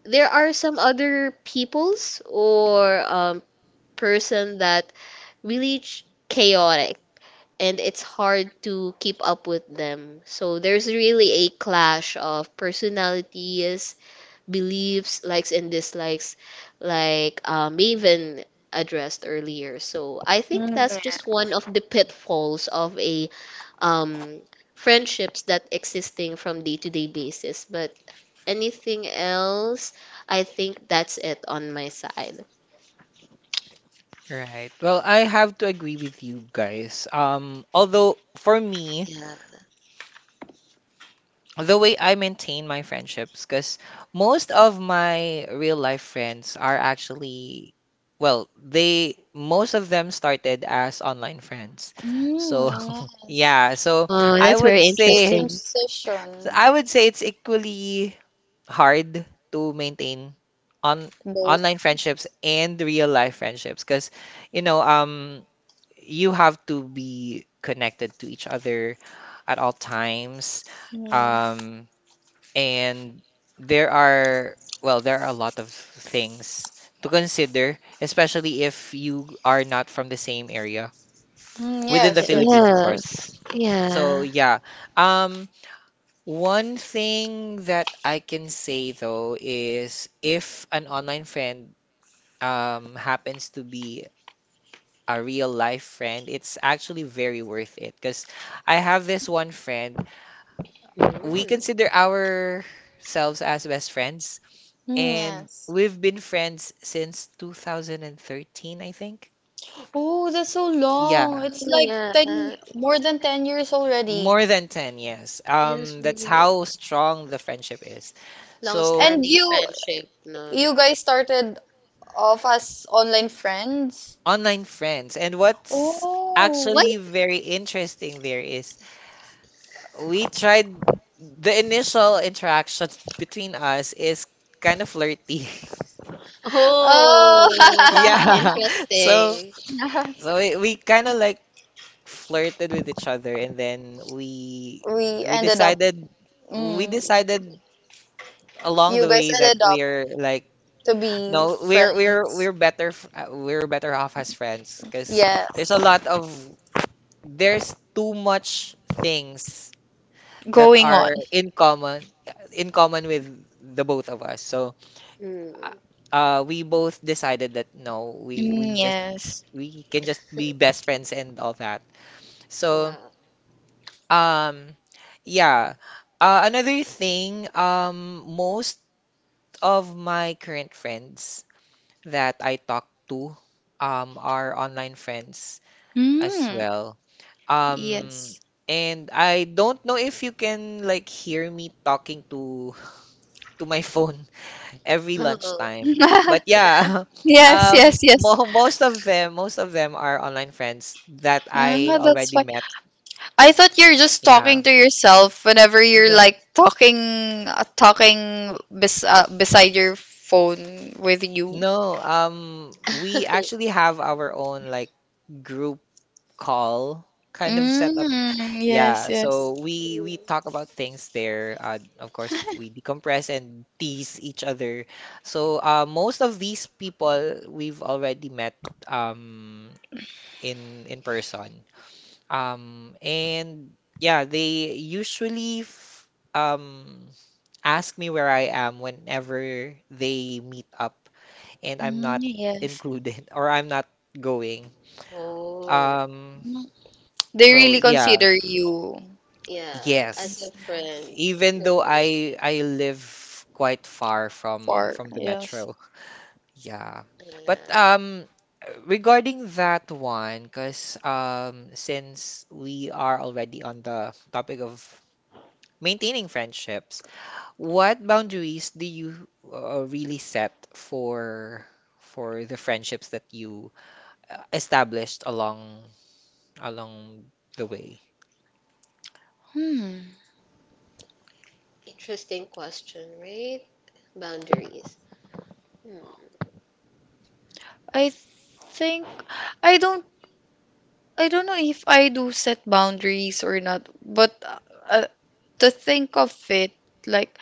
Speaker 3: there are some other peoples or person that really chaotic and it's hard to keep up with them. So there's really a clash of personalities, beliefs, likes and dislikes, like Maven addressed earlier. So I think
Speaker 2: Mm.
Speaker 3: that's just
Speaker 2: Yeah.
Speaker 3: one of the pitfalls of a um, friendships that existing from day to day basis. But anything else, I think that's it on my side.
Speaker 1: Right. Well, I have to agree with you guys. Although for me,
Speaker 3: Yeah.
Speaker 1: the way I maintain my friendships, because most of my real life friends are actually, well, they most of them started as online friends. So
Speaker 2: Mm, yes.
Speaker 1: yeah,
Speaker 3: Oh,
Speaker 1: I
Speaker 3: that's
Speaker 1: would
Speaker 3: very
Speaker 2: The
Speaker 1: say,
Speaker 3: interesting.
Speaker 1: so
Speaker 2: transition,
Speaker 1: I would say it's equally hard to maintain on online
Speaker 2: both.
Speaker 1: friendships and real life friendships, because you know. You have to be connected to each other at all times.
Speaker 2: Mm,
Speaker 1: Um, and well, there are a lot of things to consider, especially if you are not from the same area
Speaker 2: mm,
Speaker 1: within the
Speaker 2: yes, yes.
Speaker 1: Philippines, of course.
Speaker 3: Yes.
Speaker 1: So,
Speaker 3: Yeah.
Speaker 1: yeah. Um, One thing that I can say though is if an online friend happens to be a real life friend, it's actually very worth it. Because I have this one friend, we
Speaker 3: Mm.
Speaker 1: consider ourselves as best friends,
Speaker 2: Mm,
Speaker 1: and
Speaker 2: yes.
Speaker 1: we've been friends since 2013, I think.
Speaker 2: Oh, that's so
Speaker 1: Yeah,
Speaker 2: long. It's like
Speaker 3: Yeah,
Speaker 2: 10, more than 10 years already.
Speaker 1: more than 10, yes.
Speaker 3: it is
Speaker 1: That's
Speaker 3: really
Speaker 1: how strong the friendship is. So,
Speaker 2: And
Speaker 3: long-standing
Speaker 2: you
Speaker 3: friendship, no?
Speaker 2: you guys started off as online friends?
Speaker 1: online friends. And what's
Speaker 2: Oh.
Speaker 3: What?
Speaker 1: actually very interesting there is we tried the initial interaction between us is kind of flirty.
Speaker 2: Oh.
Speaker 3: Oh,
Speaker 1: Yeah. So
Speaker 3: interesting.
Speaker 1: we kind of like flirted with each other and then
Speaker 2: We
Speaker 1: we
Speaker 2: ended up,
Speaker 1: decided we
Speaker 2: mm,
Speaker 1: decided along
Speaker 2: you
Speaker 1: the
Speaker 2: guys
Speaker 1: way that
Speaker 2: ended up
Speaker 1: we're like
Speaker 2: to be
Speaker 1: no we're we're
Speaker 2: friends.
Speaker 1: we're we're better off as friends because there's
Speaker 2: Yes.
Speaker 1: a lot of there's too much things that
Speaker 2: Going on.
Speaker 1: are in common with the both of us. So uh,
Speaker 3: Mm.
Speaker 1: we both decided that no, we
Speaker 2: Mm,
Speaker 1: just
Speaker 2: yes.
Speaker 1: we can just be
Speaker 3: Mm.
Speaker 1: best friends and all that. So,
Speaker 3: Wow.
Speaker 1: um, yeah. Another thing, most of my current friends that I talk to, are online friends as
Speaker 2: Mm,
Speaker 1: well. Um,
Speaker 2: yes.
Speaker 1: and I don't know if you can like hear me talking to to my phone every
Speaker 3: Oh,
Speaker 1: lunchtime. But
Speaker 3: yeah.
Speaker 1: yeah,
Speaker 2: Yes, yes, yes.
Speaker 1: mo most of them are online friends that
Speaker 2: Yeah,
Speaker 1: I
Speaker 2: that's
Speaker 1: already
Speaker 2: why.
Speaker 1: met.
Speaker 2: I thought you're just
Speaker 1: Yeah.
Speaker 2: talking to yourself whenever you're
Speaker 1: No,
Speaker 2: like talking, talking bes beside your phone with you.
Speaker 1: no. We actually have our own like group call kind of setup.
Speaker 2: Mm, yes,
Speaker 1: Yeah,
Speaker 2: yes.
Speaker 1: so we
Speaker 3: Mm.
Speaker 1: we talk about things there. Of course, we decompress and tease each other. So most of these people we've already met um in person. And yeah, they usually f um ask me where I am whenever they meet up and I'm
Speaker 2: Mm,
Speaker 1: not
Speaker 2: yes.
Speaker 1: included or I'm not going.
Speaker 3: Oh,
Speaker 1: Um,
Speaker 2: Mm. They
Speaker 1: so
Speaker 2: really
Speaker 1: yeah,
Speaker 2: consider you
Speaker 3: yeah. As a
Speaker 1: yes.
Speaker 3: friend,
Speaker 1: Even
Speaker 3: no
Speaker 1: though
Speaker 3: close
Speaker 1: I live quite far from
Speaker 2: for,
Speaker 1: the
Speaker 2: yes.
Speaker 1: metro. Yeah.
Speaker 3: friend.
Speaker 1: But
Speaker 3: Yeah.
Speaker 1: regarding that one, because since we are already on the topic of maintaining friendships, what boundaries do you really set for the friendships that you established along the way?
Speaker 2: Hmm.
Speaker 3: Interesting question, right? Boundaries. Hmm.
Speaker 2: I think I don't I don't know if I do set boundaries or not, but uh, to think of it, like,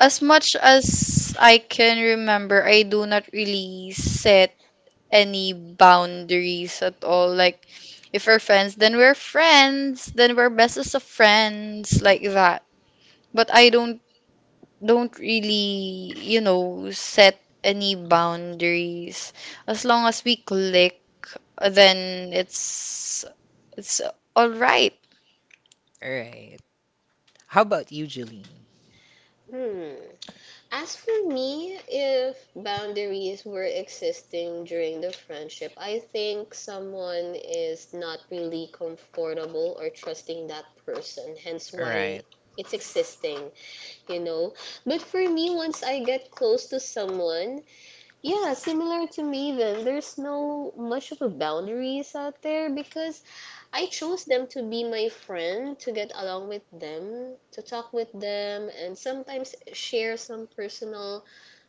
Speaker 2: as much as I can remember, I do not really set any boundaries at all. Like, if we're friends, then we're friends, then we're bestest of friends, like that. But I don't really, you know, set any
Speaker 1: Mhm.
Speaker 2: boundaries. As long as we click, then it's all right.
Speaker 1: All right. How about you, Jeline?
Speaker 3: Hmm. As for me, if boundaries were existing during the friendship, I think someone is not really comfortable or trusting that person, hence
Speaker 1: All
Speaker 3: why
Speaker 1: right.
Speaker 3: it's existing, you know. But for me, once I get close to someone, yeah, similar to me, then there's no much of a boundaries out there because I chose them to be my friend, to get along with them, to talk with them, and sometimes share some personal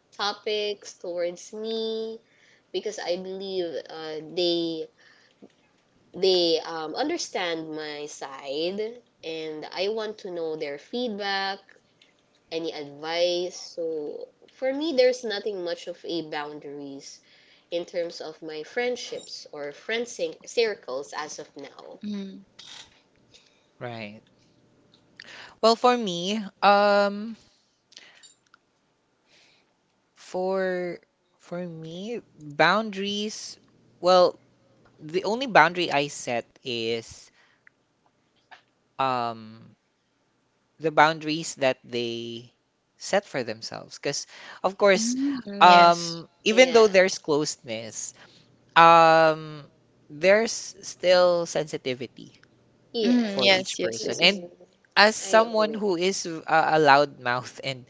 Speaker 3: topics towards me because I believe they understand my side and I want to know their feedback, any advice. So for me, there's nothing much of a boundaries in terms of my friendships or friend circles as of now.
Speaker 2: Mm.
Speaker 1: Right. Well, for me, for for me, boundaries, well, the only boundary I set is um the boundaries that they set for themselves because of course
Speaker 2: Mm, yes.
Speaker 1: even though
Speaker 3: Yeah.
Speaker 1: there's closeness um there's still sensitivity
Speaker 2: Mm,
Speaker 1: for
Speaker 3: Yes.
Speaker 2: yes,
Speaker 1: each
Speaker 2: yes, yes,
Speaker 1: person
Speaker 2: yes.
Speaker 3: Mm-mm.
Speaker 1: and as
Speaker 3: I
Speaker 1: someone
Speaker 3: agree.
Speaker 1: who is a loud mouth and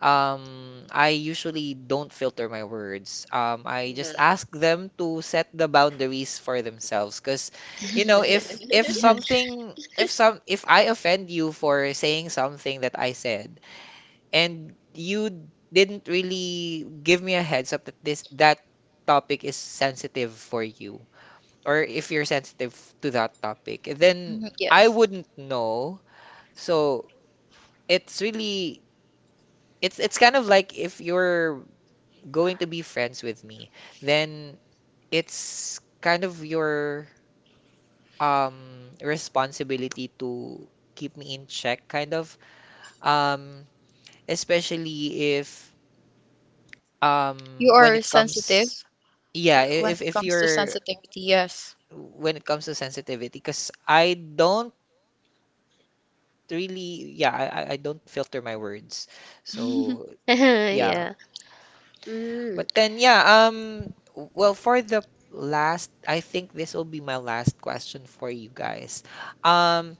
Speaker 1: I usually don't filter my words. I
Speaker 3: Yeah.
Speaker 1: just ask them to set the boundaries for themselves. Cause, if
Speaker 2: Yes.
Speaker 1: something, if some, if I offend you for saying something that I said, and you didn't really give me a heads up that this that topic is sensitive for you, or if you're sensitive to that topic, then
Speaker 2: Mm,
Speaker 1: I
Speaker 2: yes.
Speaker 1: wouldn't know. So it's really it's kind of like if you're going to be friends with me, then it's kind of your responsibility to keep me in check, kind of. Um, especially if
Speaker 2: You
Speaker 1: when
Speaker 2: are
Speaker 1: it
Speaker 2: sensitive
Speaker 1: comes, yeah,
Speaker 2: when it
Speaker 1: if
Speaker 2: comes to
Speaker 1: you're
Speaker 2: sensitivity, yes.
Speaker 1: when it comes to sensitivity, because I don't really, yeah, I don't filter my words, so. Yeah,
Speaker 3: yeah. Mm.
Speaker 1: but then, yeah, well, for the last, I think this will be my last question for you guys. Um,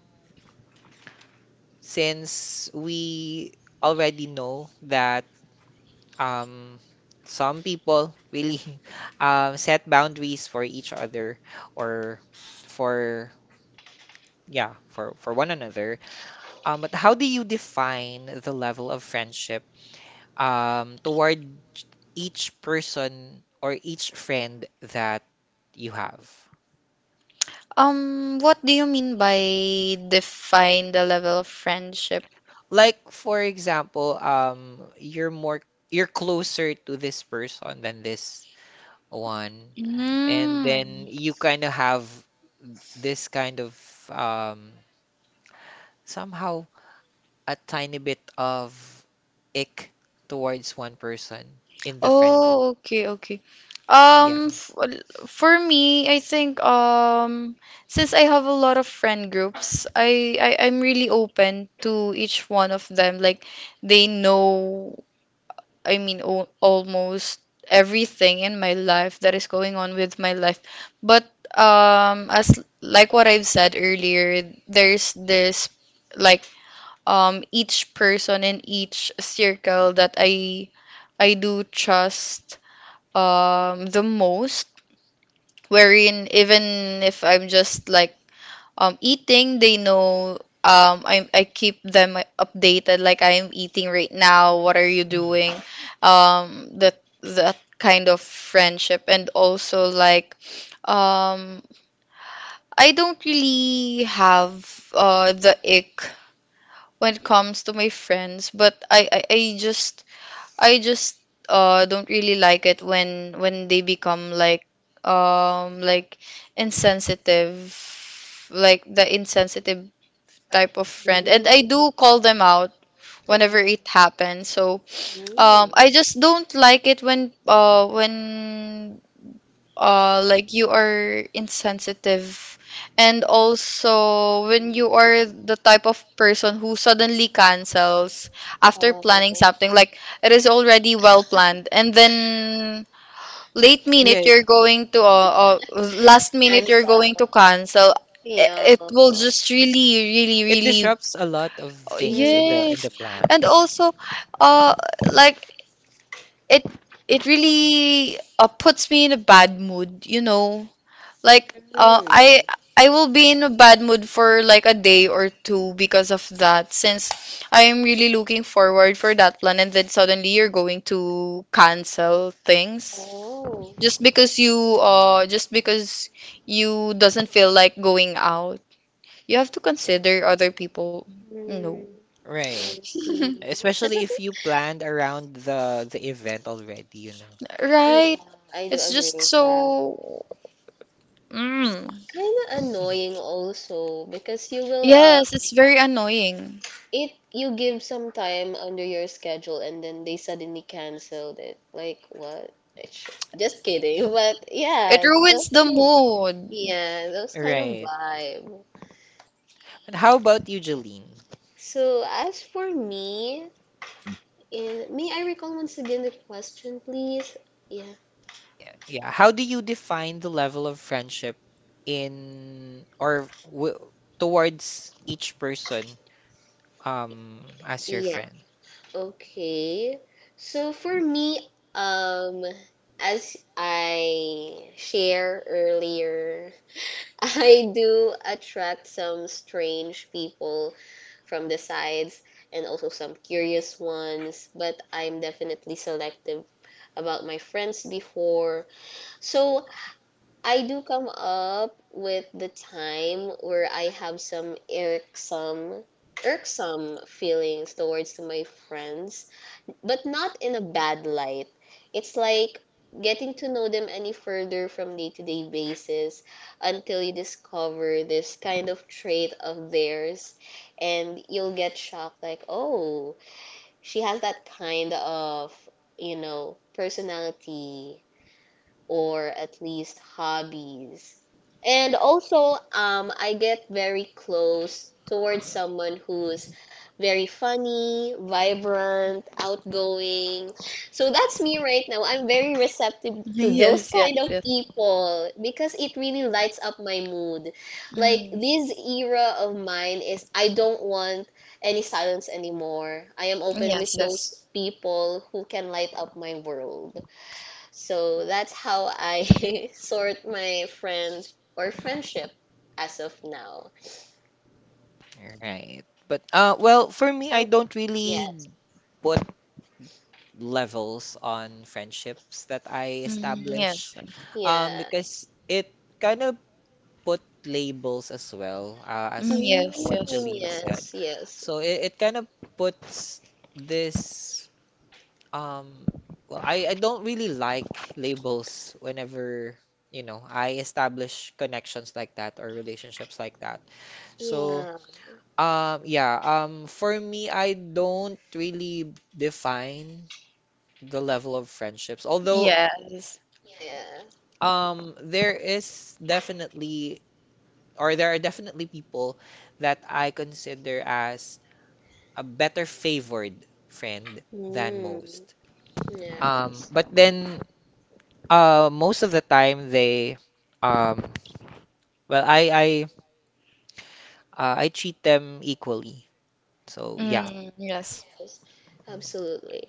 Speaker 1: since we already know that um, some people really set boundaries for each other or for, yeah, for one another. But how do you define the level of friendship toward each person or each friend that you have.
Speaker 2: What do you mean by define the level of friendship?
Speaker 1: Like for example, you're more you're closer to this person than this one and then
Speaker 2: Mm.
Speaker 1: you kind of have this kind of um somehow a tiny bit of ick towards one person in the friend group.
Speaker 2: Oh, okay, okay.
Speaker 1: Yeah.
Speaker 2: F For me, I think since I have a lot of friend groups, I'm really open to each one of them. Like they know, I mean, almost everything in my life that is going on with my life. But as like what I've said earlier, there's this like each person in each circle that I do trust the most, wherein even if I'm just like eating, they know, I keep them updated like I am eating right now, what are you
Speaker 1: Mhm.
Speaker 2: doing, that kind of friendship. And also like um I don't really have uh, the ick when it comes to my friends, but I just uh, don't really like it when they become like insensitive, like the insensitive type of friend. And I
Speaker 3: Mm.
Speaker 2: do call them out whenever
Speaker 3: Yeah.
Speaker 2: it happens. So
Speaker 3: Mm.
Speaker 2: I just don't like it when like you are insensitive, and also when you are the type of person who suddenly cancels after
Speaker 3: Oh,
Speaker 2: planning something, like it is already well planned and then late
Speaker 1: Yeah,
Speaker 2: minute you're going to last minute
Speaker 3: Chinese
Speaker 2: you're going to cancel.
Speaker 3: appeal.
Speaker 2: It will just really, really,
Speaker 1: it
Speaker 2: really—
Speaker 1: disrupts a lot of things in
Speaker 3: Mm.
Speaker 1: the
Speaker 2: Yes, and
Speaker 1: plans.
Speaker 2: also, uh, like it it really puts me in a bad mood, you know. Like,
Speaker 3: Mm.
Speaker 2: I will be in a bad mood for like a day or two because of that, since I am really looking forward for that plan, and then suddenly you're going to cancel things
Speaker 3: Oh,
Speaker 2: just because you doesn't feel like going out. You have to consider other people.
Speaker 3: mm.
Speaker 2: No.
Speaker 3: I
Speaker 1: Right.
Speaker 3: see.
Speaker 1: Especially if you planned around the event already, you know.
Speaker 3: Yeah,
Speaker 2: Right?
Speaker 3: I do
Speaker 2: It's
Speaker 3: agree
Speaker 2: just
Speaker 3: with that.
Speaker 2: so. Mm.
Speaker 3: Kind of annoying also because you will
Speaker 2: Yes, it's very annoying.
Speaker 3: it you give some time under your schedule and then they suddenly canceled it. Like what? It's- Just kidding. But yeah,
Speaker 2: It
Speaker 3: those
Speaker 2: ruins
Speaker 3: kind
Speaker 2: the
Speaker 3: of
Speaker 2: mood.
Speaker 3: yeah, those kind of
Speaker 1: Right.
Speaker 3: vibe.
Speaker 1: And how about you, Jeline?
Speaker 3: So as for me, in, may I recall once again the question, please? Yeah.
Speaker 1: Yeah, yeah. How do you define the level of friendship in or w towards each person as your
Speaker 3: Yeah.
Speaker 1: friend?
Speaker 3: Okay. So for me, um, as I share earlier, I do attract some strange people from the sides and also some curious ones, but I'm definitely selective about my friends before. So I do come up with the time where I have some irksome feelings towards to my friends, but not in a bad light. It's like getting to know them any further from day-to-day basis until you discover this kind of trait of theirs and you'll get shocked like, "Oh, she has that kind of, you know, personality." or at least hobbies. And also, I get very close towards someone who's very funny, vibrant, outgoing. So that's me right now. I'm very receptive to those
Speaker 2: Yes,
Speaker 3: kind
Speaker 2: yes,
Speaker 3: of
Speaker 2: yes.
Speaker 3: people because it really lights up my mood. Like
Speaker 2: Mm.
Speaker 3: this era of mine is I don't want any silence anymore. I am open with
Speaker 2: Yes,
Speaker 3: those
Speaker 2: yes.
Speaker 3: people who can light up my world. So that's how I sort my friends or friendship as of now.
Speaker 1: Right. But well, for me,
Speaker 3: How
Speaker 1: I
Speaker 3: about?
Speaker 1: don't
Speaker 3: Yes.
Speaker 1: really put levels on friendships that I
Speaker 2: Mm,
Speaker 1: establish
Speaker 2: yes. Yes. Mm,
Speaker 3: Yeah.
Speaker 1: because it kind of put labels as well, as
Speaker 2: yes,
Speaker 1: what
Speaker 3: Mm,
Speaker 2: yes.
Speaker 1: Jolene
Speaker 3: yes,
Speaker 1: said.
Speaker 3: yes.
Speaker 1: So it kind of puts this um well I don't really like labels whenever you know I establish connections like that or relationships like that. So
Speaker 3: Yeah.
Speaker 1: yeah, for me I don't really define the level of friendships. Although
Speaker 2: Yes.
Speaker 3: Yeah, yeah.
Speaker 1: um there is definitely there are definitely people that I consider as a better favored friend than
Speaker 3: Mm,
Speaker 1: most.
Speaker 3: yes.
Speaker 1: But then most of the time they um, well I treat them equally. So yeah.
Speaker 2: Mm, yes.
Speaker 3: Yes. Absolutely.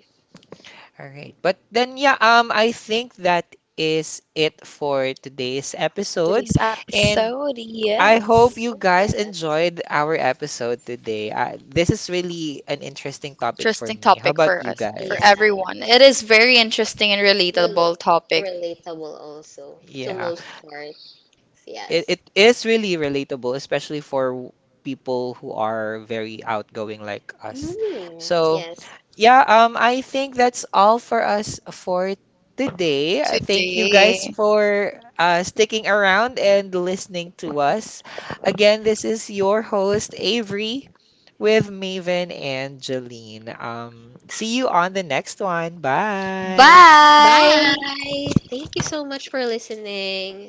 Speaker 1: All right. But then yeah, I think that is it for today's episode
Speaker 2: Today's
Speaker 1: and
Speaker 2: episode,
Speaker 1: I hope
Speaker 2: yes.
Speaker 1: you guys
Speaker 3: Yes.
Speaker 1: enjoyed our episode today. This is really an interesting topic for
Speaker 2: Interesting
Speaker 1: me. How
Speaker 2: topic
Speaker 1: about
Speaker 2: for
Speaker 1: you
Speaker 2: us,
Speaker 3: Yeah.
Speaker 2: for
Speaker 1: guys?
Speaker 2: everyone. It is very interesting and
Speaker 3: Rel-
Speaker 2: relatable topic
Speaker 3: relatable also to
Speaker 1: Yeah,
Speaker 3: most parts. Yes.
Speaker 1: it is really relatable, especially for people who are very outgoing like us.
Speaker 3: Mm,
Speaker 1: So,
Speaker 3: yes.
Speaker 1: yeah, I think that's all for us for today. Thank you guys
Speaker 2: today.
Speaker 1: for sticking around and listening to us. Again, this is your host, Avery, with Maven and Jolene. See you on the next one. Bye.
Speaker 2: Bye.
Speaker 3: Bye. Thank you so much for listening.